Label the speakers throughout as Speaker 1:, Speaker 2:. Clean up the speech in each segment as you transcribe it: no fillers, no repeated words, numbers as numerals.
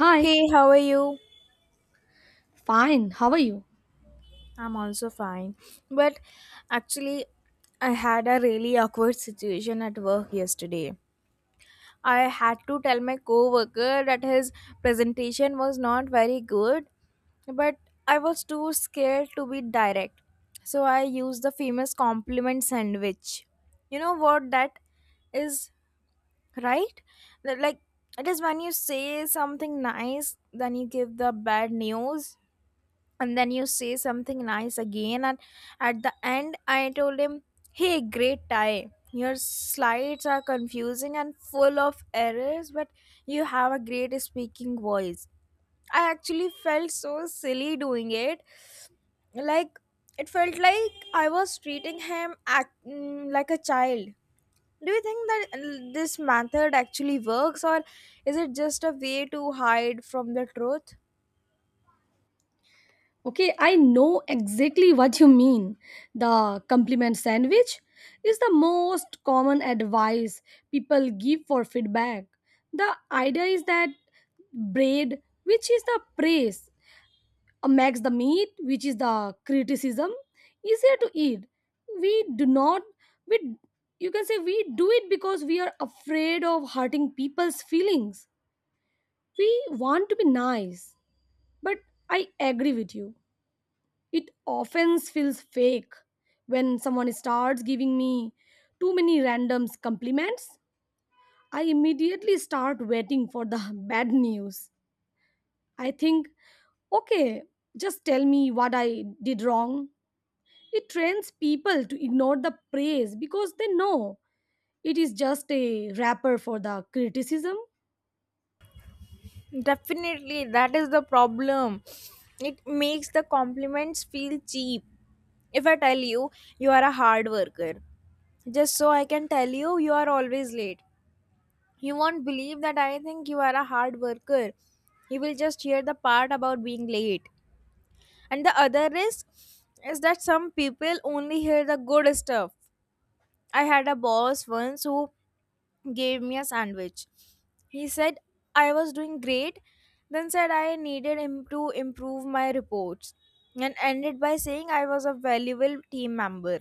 Speaker 1: Hi,
Speaker 2: Hey, how are you?
Speaker 1: fine. How are you?
Speaker 2: I'm also fine. But actually, I had a really awkward situation at work yesterday. I had to tell my coworker that his presentation was not very good, but I was too scared to be direct. So I used the famous compliment sandwich. You know what that is, right? That, Like, it is when you say something nice, then you give the bad news, and then you say something nice again. And at the end I told him, "Hey, great tie, your slides are confusing and full of errors, but you have a great speaking voice." I actually felt so silly doing it. Like, it felt like I was treating him like a child. Do you think that this method actually works, or is it just a way to hide from the truth?
Speaker 1: Okay, I know exactly what you mean. The compliment sandwich is the most common advice people give for feedback. The idea is that bread, which is the praise, makes the meat, which is the criticism, easier to eat. We do not, we, You can say we do it because we are afraid of hurting people's feelings. We want to be nice, but I agree with you. It often feels fake when someone starts giving me too many random compliments. I immediately start waiting for the bad news. I think, okay, just tell me what I did wrong. It trains people to ignore the praise because they know it is just a wrapper for the criticism.
Speaker 2: Definitely, that is the problem. It makes the compliments feel cheap. If I tell you, "You are a hard worker," just so I can tell you, "You are always late," you won't believe that I think you are a hard worker. You will just hear the part about being late. And the other risk is that some people only hear the good stuff. I had a boss once who gave me a sandwich. He said I was doing great, then said I needed him to improve my reports, and ended by saying I was a valuable team member.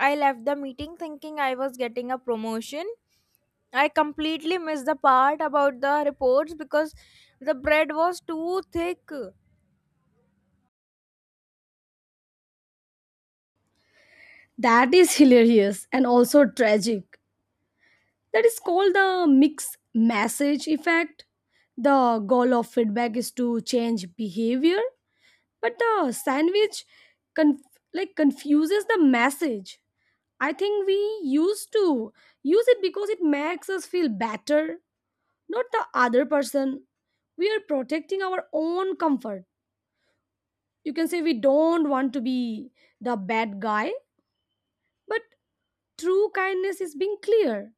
Speaker 2: I left the meeting thinking I was getting a promotion. I completely missed the part about the reports because the bread was too thick.
Speaker 1: That is hilarious and also tragic. That is called the mixed message effect. The goal of feedback is to change behavior, but the sandwich confuses the message. I think we used to use it because it makes us feel better, not the other person. We are protecting our own comfort. You can say we don't want to be the bad guy, but true kindness is being clear.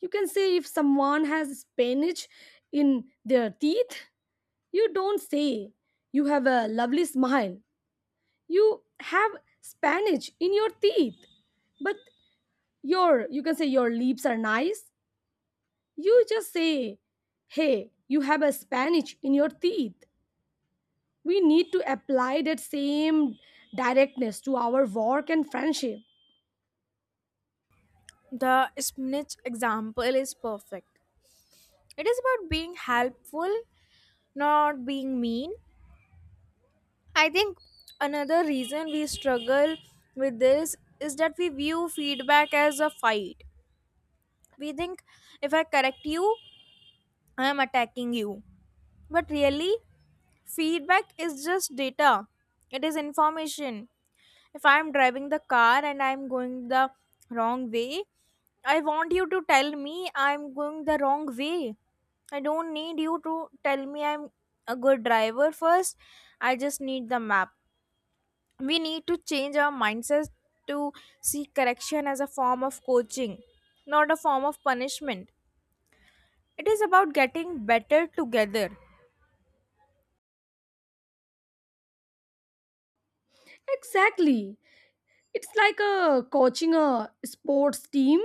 Speaker 1: You can say if someone has spinach in their teeth, you don't say, "You have a lovely smile. You have spinach in your teeth. But your," you can say, "your lips are nice." You just say, "Hey, you have a spinach in your teeth." We need to apply that same directness to our work and friendship.
Speaker 2: The spinach example is perfect. It is about being helpful, not being mean. I think another reason we struggle with this is that we view feedback as a fight. We think if I correct you, I am attacking you. But really, feedback is just data, it is information. If I am driving the car and I am going the wrong way, I want you to tell me I am going the wrong way. I don't need you to tell me I'm a good driver first. I just need the map. We need to change our mindset to see correction as a form of coaching, not a form of punishment. It is about getting better together.
Speaker 1: Exactly. It's like a coaching a sports team.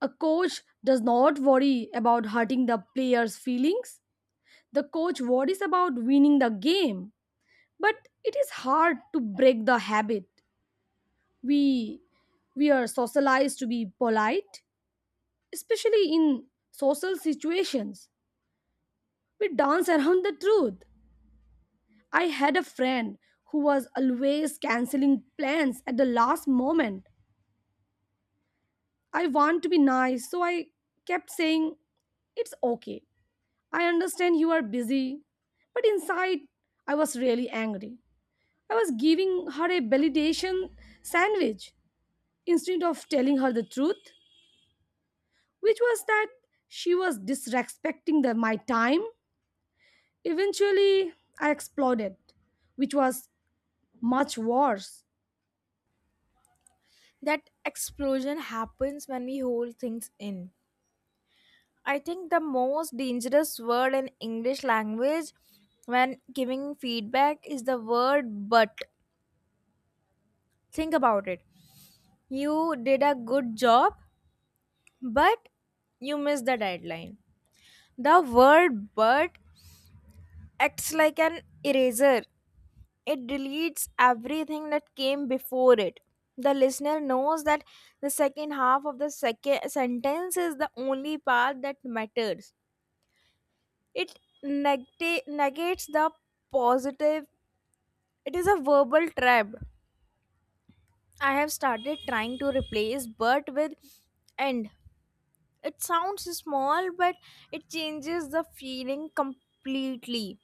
Speaker 1: A coach does not worry about hurting the player's feelings. The coach worries about winning the game. But it is hard to break the habit. We we are socialized to be polite, especially in social situations. We dance around the truth. I had a friend who was always canceling plans at the last moment. I want to be nice, so I kept saying it's okay. I understand you are busy, but inside I was really angry. I was giving her a validation sandwich instead of telling her the truth, which was that she was disrespecting my time. Eventually, I exploded, which was much worse.
Speaker 2: That explosion happens when we hold things in. I think the most dangerous word in English language when giving feedback is the word "but." Think about it. You did a good job, but you missed the deadline. The word "but" acts like an eraser. It deletes everything that came before it. The listener knows that the second half of the second sentence is the only part that matters. It negates the positive. It is a verbal trap. I have started trying to replace "but" with "and." It sounds small, but it changes the feeling completely.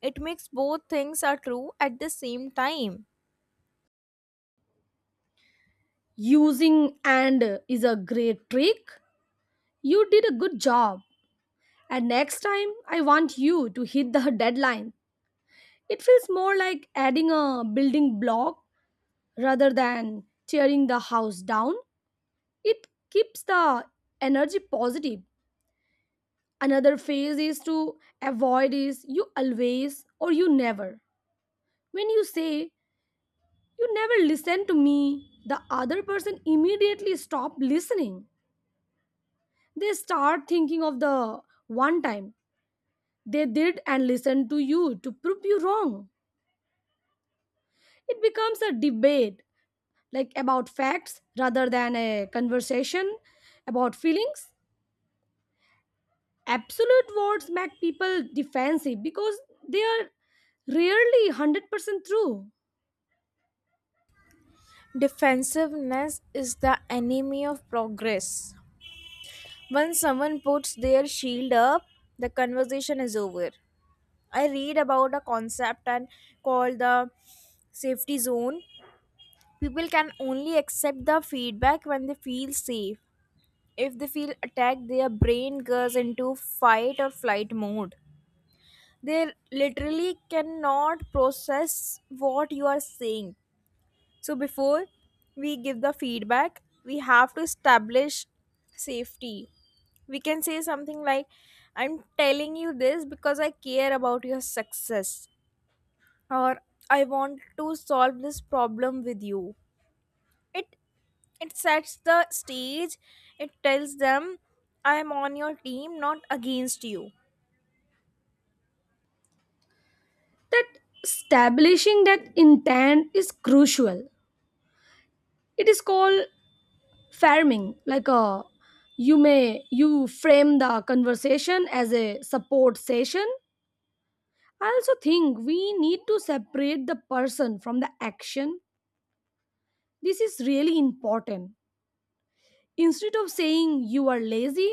Speaker 2: It makes both things are true at the same time.
Speaker 1: Using and is a great trick. You did a good job. And next time, I want you to hit the deadline. It feels more like adding a building block rather than tearing the house down. It keeps the energy positive. Another phase is to avoid is you always or you never. When you say you never listen to me, the other person immediately stop listening. They start thinking of the one time they did and listened to you to prove you wrong. It becomes a debate about facts rather than a conversation about feelings. Absolute words make people defensive because they are rarely 100% true.
Speaker 2: Defensiveness is the enemy of progress. When someone puts their shield up, the conversation is over. I read about a concept and called the safety zone. People can only accept the feedback when they feel safe. If they feel attacked, their brain goes into fight or flight mode. They literally cannot process what you are saying. So before we give the feedback, we have to establish safety. We can say something like, "I'm telling you this because I care about your success," or "I want to solve this problem with you." It it sets the stage. It tells them I'm on your team, not against you.
Speaker 1: That establishing that intent is crucial. It is called farming, like a you may you frame the conversation as a support session. I also think we need to separate the person from the action. This is really important. Instead of saying you are lazy,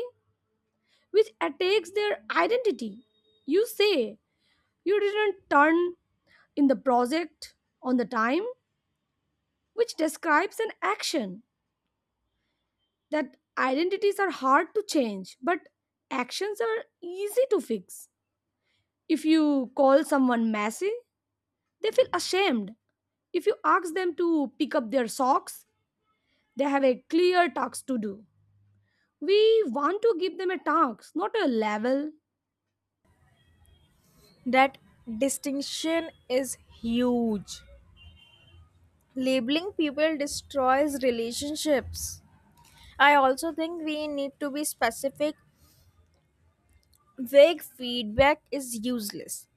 Speaker 1: which attacks their identity, you say, "You didn't turn in the project on the time," which describes an action. That identities are hard to change, but actions are easy to fix. If you call someone messy, they feel ashamed. If you ask them to pick up their socks, they have a clear task to do. We want to give them a task, not a level.
Speaker 2: That distinction is huge. Labeling people destroys relationships. I also think we need to be specific. Vague feedback is useless.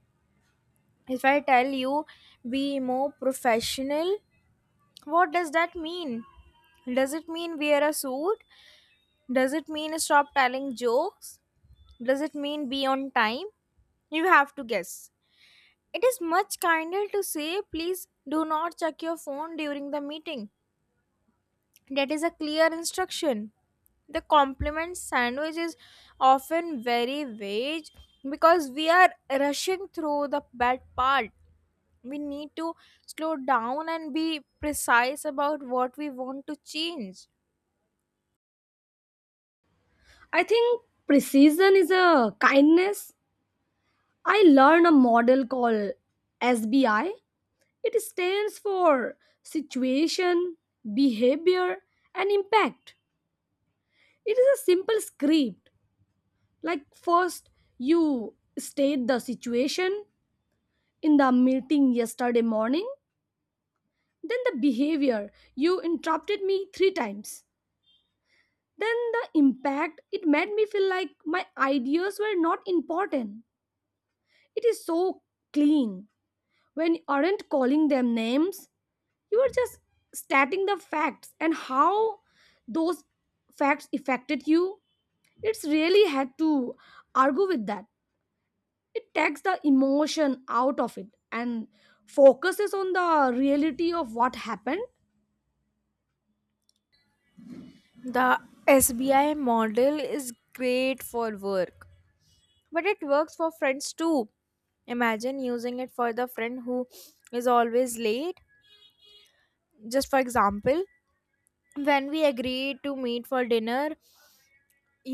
Speaker 2: If I tell you "be more professional," what does that mean? Does it mean wear a suit? Does it mean stop telling jokes? Does it mean be on time? You have to guess. It is much kinder to say, "Please do not check your phone during the meeting." That is a clear instruction. The compliment sandwich is often very vague because we are rushing through the bad part. We need to slow down and be precise about what we want to change.
Speaker 1: I think precision is a kindness. I learned a model called SBI. It stands for situation, behavior, and impact. It is a simple script. First, you state the situation in the meeting yesterday morning, then the behavior. You interrupted me three times. Then the impact. It made me feel like my ideas were not important. It is so clean. When you aren't calling them names, you are just stating the facts and how those facts affected you. It's really had to argue with that. It takes the emotion out of it and focuses on the reality of what happened.
Speaker 2: The SBI model is great for work, but it works for friends too. Imagine using it for the friend who is always late. Just for example, when we agreed to meet for dinner,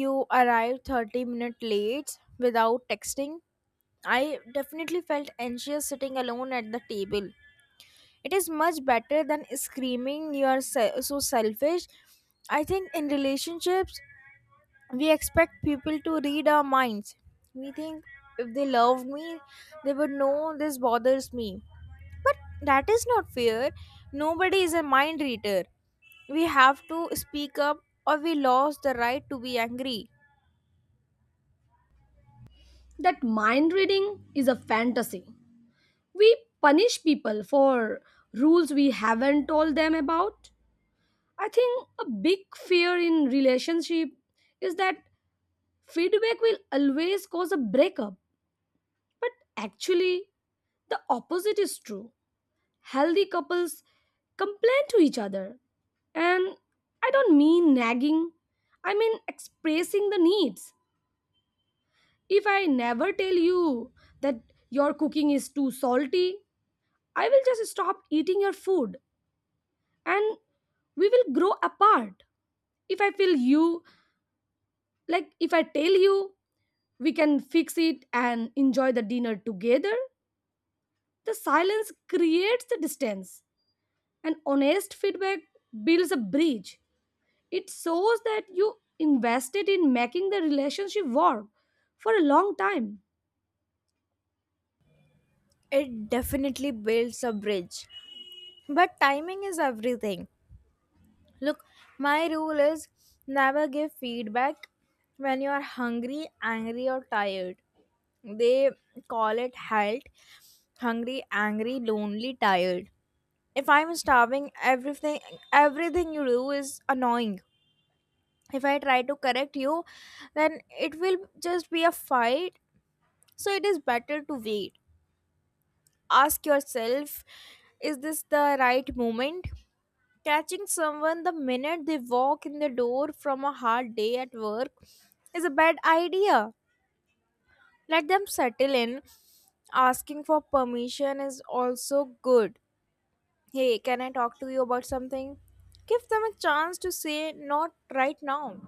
Speaker 2: you arrived 30 minutes late without texting. I definitely felt anxious sitting alone at the table. It is much better than screaming, "You are so selfish." I think in relationships, we expect people to read our minds. We think if they love me, they would know this bothers me. But that is not fair. Nobody is a mind reader. We have to speak up or we lost the right to be angry.
Speaker 1: That mind reading is a fantasy. We punish people for rules we haven't told them about. I think a big fear in relationship is that feedback will always cause a breakup. But actually, the opposite is true. Healthy couples complain to each other. And I don't mean nagging, I mean expressing the needs. If I never tell you that your cooking is too salty, I will just stop eating your food and we will grow apart. If I feel you, like if I tell you, we can fix it and enjoy the dinner together, the silence creates the distance and honest feedback builds a bridge. It shows that you invested in making the relationship work for a long time.
Speaker 2: It definitely builds a bridge. But timing is everything. Look, my rule is never give feedback when you are hungry, angry, or tired. They call it health hungry, angry, lonely, tired. If I'm starving, everything you do is annoying. If I try to correct you, then it will just be a fight. So it is better to wait. Ask yourself, is this the right moment? Catching someone the minute they walk in the door from a hard day at work is a bad idea. Let them settle in. Asking for permission is also good. "Hey, can I talk to you about something?" Give them a chance to say not right now.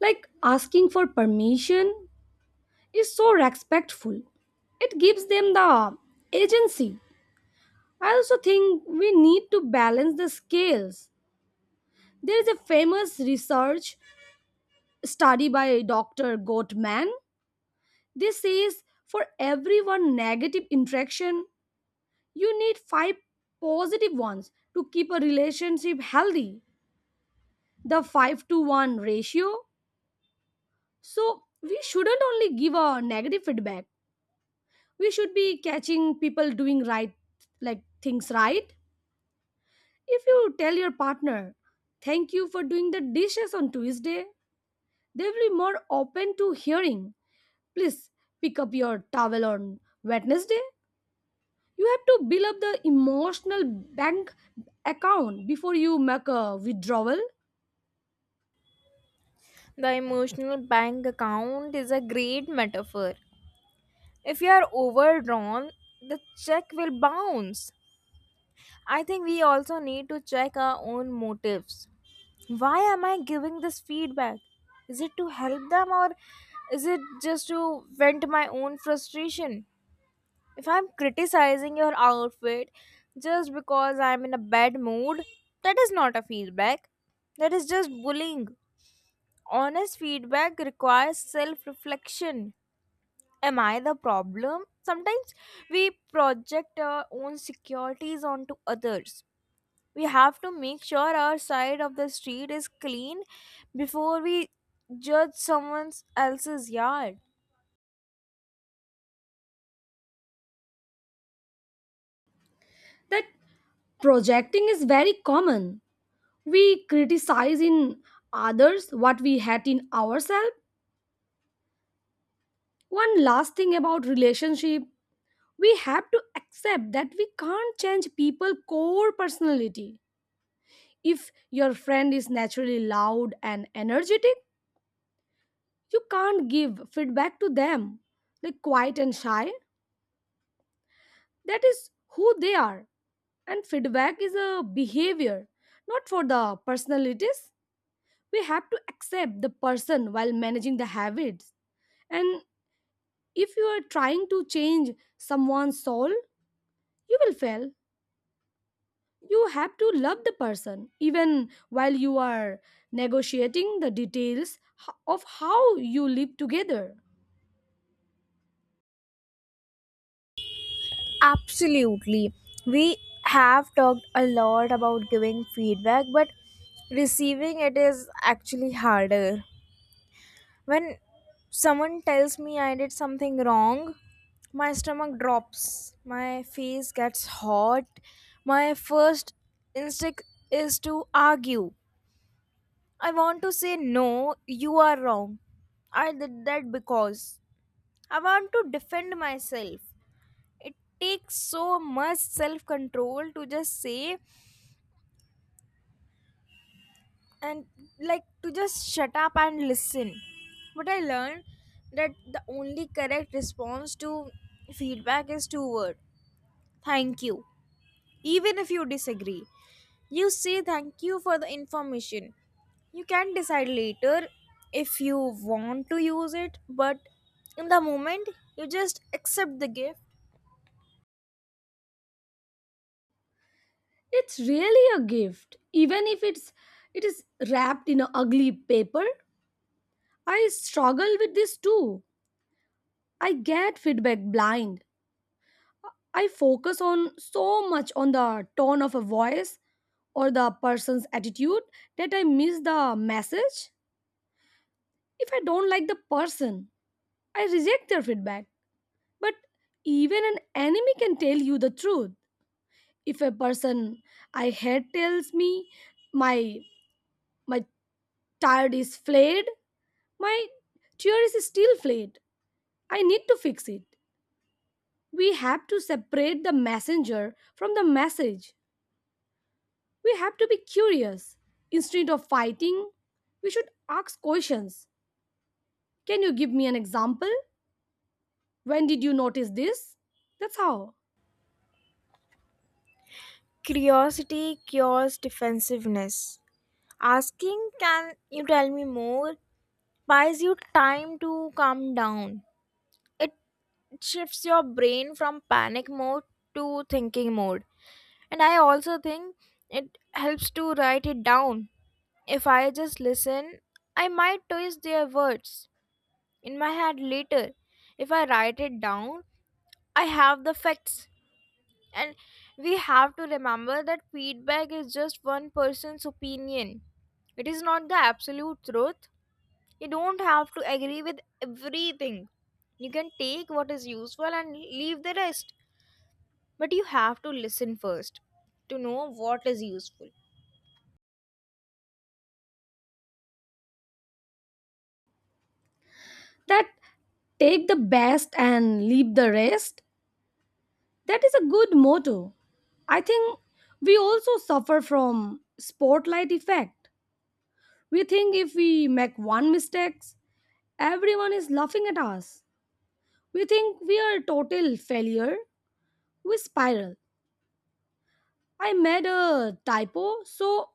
Speaker 1: Like asking for permission is so respectful, it gives them the agency. I also think we need to balance the scales. There is a famous research study by Dr. Gottman. This says for every one negative interaction, you need five positive ones to keep a relationship healthy. The 5 to 1 ratio. So, we shouldn't only give a negative feedback. We should be catching people doing things right. If you tell your partner, "Thank you for doing the dishes on Tuesday," they will be more open to hearing, "Please pick up your towel on Wednesday." You have to build up the emotional bank account before you make a withdrawal.
Speaker 2: The emotional bank account is a great metaphor. If you are overdrawn, the check will bounce. I think we also need to check our own motives. Why am I giving this feedback? Is it to help them, or is it just to vent my own frustration? If I'm criticizing your outfit just because I'm in a bad mood, that is not a feedback. That is just bullying. Honest feedback requires self reflection. Am I the problem? Sometimes we project our own securities onto others. We have to make sure our side of the street is clean before we judge someone else's yard.
Speaker 1: That projecting is very common. We criticize in others what we hate in ourselves. One last thing about relationship, we have to accept that we can't change people core personality. If your friend is naturally loud and energetic, you can't give feedback to them. Like quiet and shy, that is who they are. And feedback is a behavior, not for the personalities. We have to accept the person while managing the habits. And if you are trying to change someone's soul, you will fail. You have to love the person even while you are negotiating the details of how you live together.
Speaker 2: Absolutely. We have talked a lot about giving feedback, but receiving it is actually harder. When someone tells me I did something wrong, my stomach drops, my face gets hot. My first instinct is to argue. I want to say, "No, you are wrong. I did that because..." I want to defend myself. It takes so much self control to just say, and like to just shut up and listen. But I learned that the only correct response to feedback is two word: thank you, even if you disagree. You say thank you for the information. You can decide later if you want to use it, but in the moment, you just accept the gift.
Speaker 1: It's really a gift, even if it is wrapped in a ugly paper. I struggle with this too. I get feedback blind. I focus on so much on the tone of a voice or the person's attitude that I miss the message. If I don't like the person, I reject their feedback. But even an enemy can tell you the truth. If a person I hate tells me my my tired is flayed, my tear is still flayed. I need to fix it. We have to separate the messenger from the message. We have to be curious. Instead of fighting, we should ask questions. Can you give me an example? When did you notice this? That's how.
Speaker 2: Curiosity cures defensiveness. Asking, "Can you tell me more?" buys you time to calm down. It shifts your brain from panic mode to thinking mode. And I also think it helps to write it down. If I just listen, I might twist their words in my head later. If I write it down, I have the facts. And we have to remember that feedback is just one person's opinion. It is not the absolute truth. You don't have to agree with everything. You can take what is useful and leave the rest. But you have to listen first to know what is useful.
Speaker 1: That take the best and leave the rest. That is a good motto. I think we also suffer from spotlight effect. We think if we make one mistake, everyone is laughing at us. We think we are a total failure. We spiral. I made a typo, so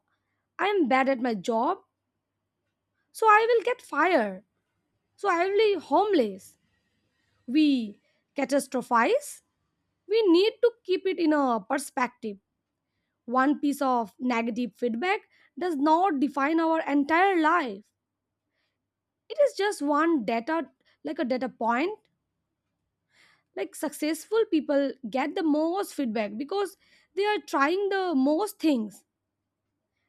Speaker 1: I'm bad at my job, so I will get fired. So I will be homeless. We catastrophize. We need to keep it in a perspective. One piece of negative feedback does not define our entire life. It is just one data, like a data point. Like successful people get the most feedback because they are trying the most things,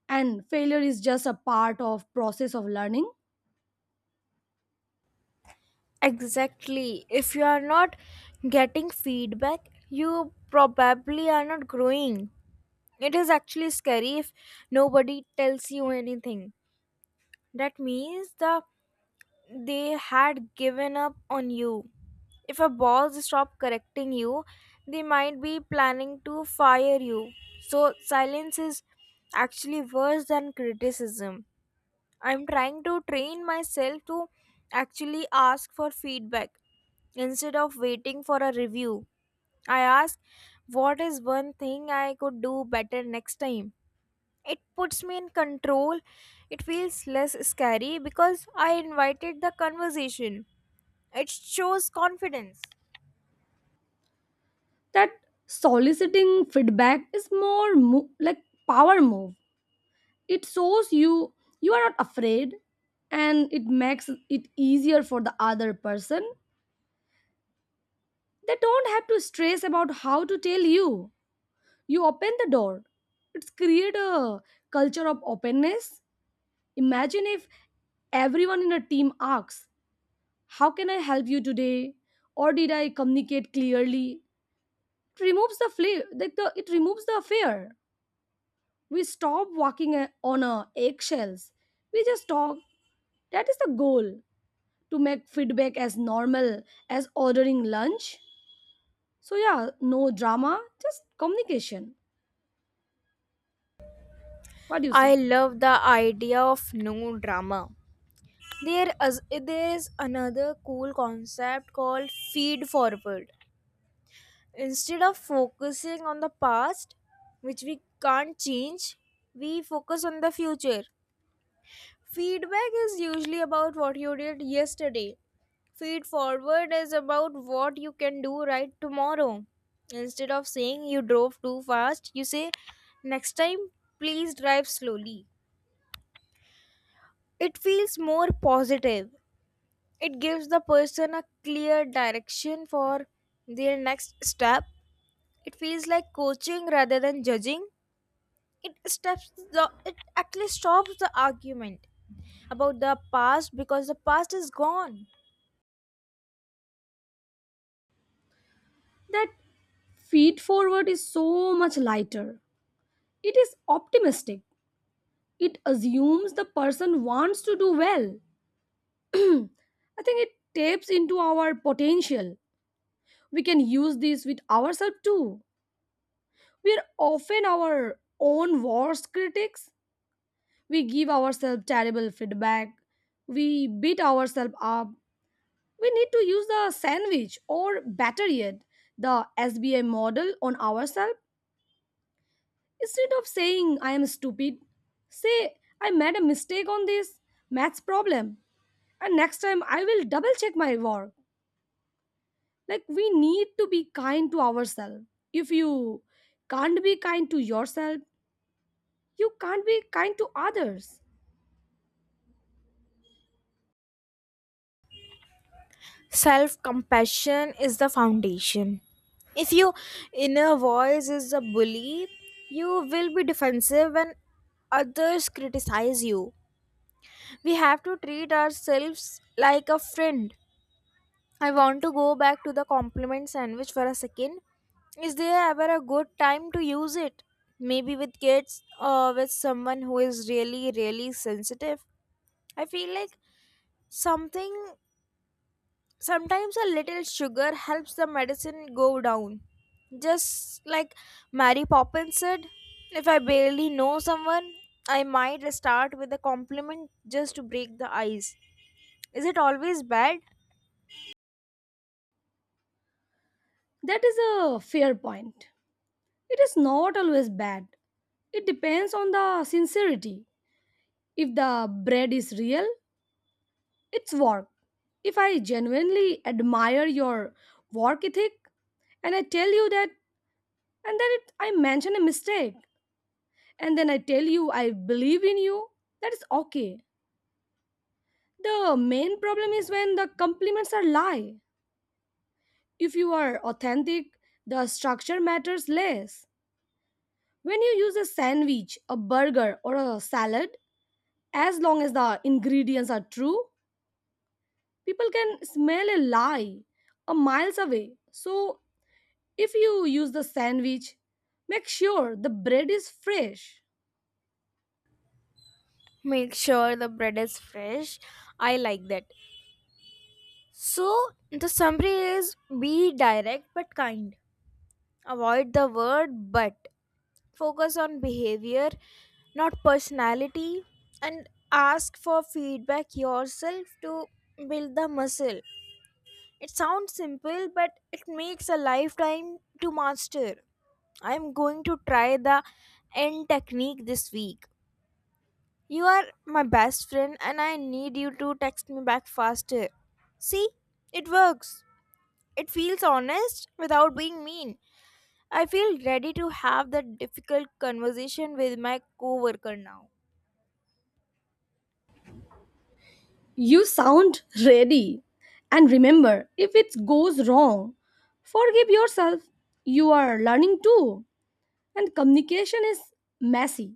Speaker 1: and failure is just a part of process of learning.
Speaker 2: Exactly. If you are not getting feedback, you probably are not growing. It is actually scary if nobody tells you anything. That means they had given up on you. If a boss stop correcting you, they might be planning to fire you. So silence is actually worse than criticism. I'm trying to train myself to actually ask for feedback instead of waiting for a review. I ask, what is one thing I could do better next time? It puts me in control. It feels less scary because I invited the conversation. It shows confidence.
Speaker 1: That soliciting feedback is like power move. It shows you you are not afraid, and it makes it easier for the other person. They don't have to stress about how to tell you. You open the door. It's create a culture of openness. Imagine if everyone in a team asks, "How can I help you today?" or "Did I communicate clearly?" It removes the fear. We stop walking on our eggshells. We just talk. That is the goal, to make feedback as normal as ordering lunch. So, yeah, no drama, just communication. What do you
Speaker 2: I
Speaker 1: say?
Speaker 2: love the idea of no drama. There is another cool concept called feed forward. Instead of focusing on the past, which we can't change, we focus on the future. Feedback is usually about what you did yesterday. Feed forward is about what you can do right tomorrow. Instead of saying you drove too fast, you say next time please drive slowly. It feels more positive. It gives the person a clear direction for their next step. It feels like coaching rather than judging. It actually stops the argument about the past because the past is gone.
Speaker 1: That feed forward is so much lighter. It is optimistic. It assumes the person wants to do well. I think it taps into our potential. We can use this with ourselves too. We are often our own worst critics. We give ourselves terrible feedback. We beat ourselves up. We need to use the sandwich or better yet, the SBI model on ourselves. Instead of saying I am stupid, say I made a mistake on this maths problem and next time I will double check my work. Like we need to be kind to ourselves. If you can't be kind to yourself, you can't be kind to others.
Speaker 2: Self compassion is the foundation. If your inner voice is a bully, you will be defensive when others criticize you. We have to treat ourselves like a friend. I want to go back to the compliment sandwich for a second. Is there ever a good time to use it? Maybe with kids or with someone who is really, really sensitive. I feel like something, sometimes a little sugar helps the medicine go down. Just like Mary Poppins said, if I barely know someone, I might start with a compliment just to break the ice. Is it always bad?
Speaker 1: That is a fair point. It is not always bad. It depends on the sincerity. If the bread is real, it's work. If I genuinely admire your work ethic and I tell you that, and I mention a mistake, and then I tell you I believe in you, that is okay. The main problem is when the compliments are lie. If you are authentic, the structure matters less. When you use a sandwich, a burger, or a salad, as long as the ingredients are true, people can smell a lie a miles away. So if you use the sandwich, make sure the bread is fresh.
Speaker 2: Make sure the bread is fresh. I like that. So the summary is be direct but kind. Avoid the word "but." Focus on behavior, not personality, and ask for feedback yourself to build the muscle. It sounds simple, but it makes a lifetime to master. I'm going to try the end technique this week. "You are my best friend, and I need you to text me back faster." See, it works. It feels honest without being mean. I feel ready to have that difficult conversation with my coworker now.
Speaker 1: You sound ready. And remember, if it goes wrong, forgive yourself. You are learning too. And communication is messy.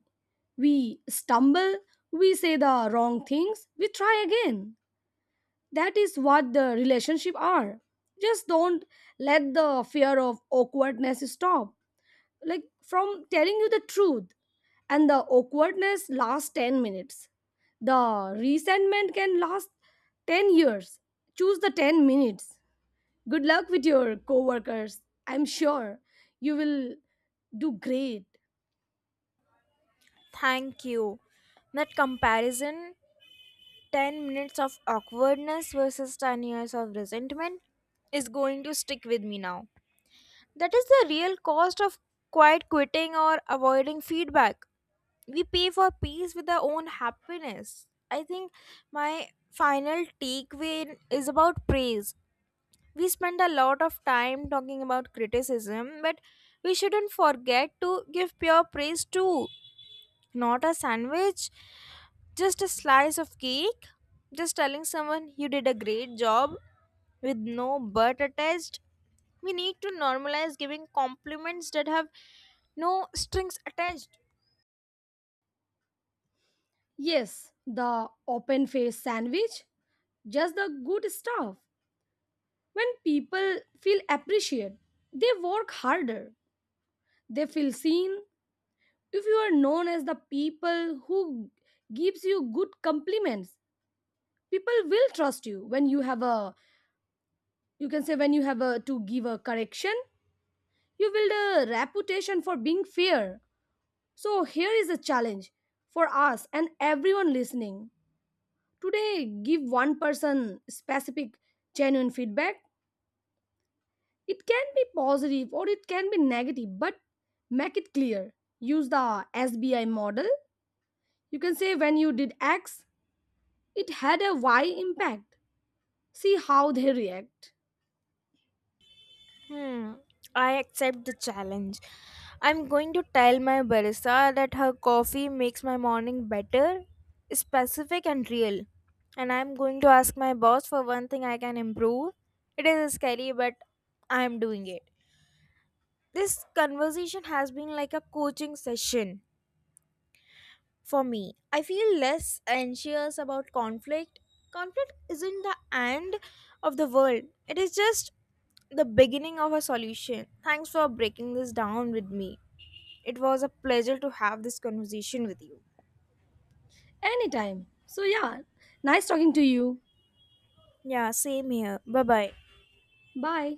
Speaker 1: We stumble, we say the wrong things, we try again. That is what the relationship are. Just don't let the fear of awkwardness stop from telling you the truth. And the awkwardness lasts 10 minutes, the resentment can last 10 years. Choose the 10 minutes. Good luck with your coworkers. I'm sure you will do great.
Speaker 2: Thank you. That comparison, 10 minutes of awkwardness versus 10 years of resentment, is going to stick with me now. That is the real cost of quiet quitting or avoiding feedback. We pay for peace with our own happiness. I think my final takeaway is about praise. We spend a lot of time talking about criticism, but we shouldn't forget to give pure praise too. Not a sandwich, just a slice of cake, just telling someone you did a great job with no "but" attached. We need to normalize giving compliments that have no strings attached.
Speaker 1: Yes, the open face sandwich, just the good stuff. When people feel appreciated, they work harder. They feel seen. If you are known as the people who gives you good compliments, people will trust you. When you have a, you can say when you have a to give a correction, you build a reputation for being fair. So here is a challenge for us and everyone listening. Today, give one person specific genuine feedback. It can be positive or it can be negative, but make it clear. Use the SBI model. You can say when you did X, it had a Y impact. See how they react.
Speaker 2: Hmm, I accept the challenge. I'm going to tell my barista that her coffee makes my morning better, specific and real. And I'm going to ask my boss for one thing I can improve. It is scary, but I'm doing it. This conversation has been like a coaching session. For me, I feel less anxious about conflict. Conflict isn't the end of the world, it is just the beginning of a solution. Thanks for breaking this down with me. It was a pleasure to have this conversation with you.
Speaker 1: Anytime. So, yeah, nice talking to you.
Speaker 2: Yeah, same here. Bye bye.
Speaker 1: Bye.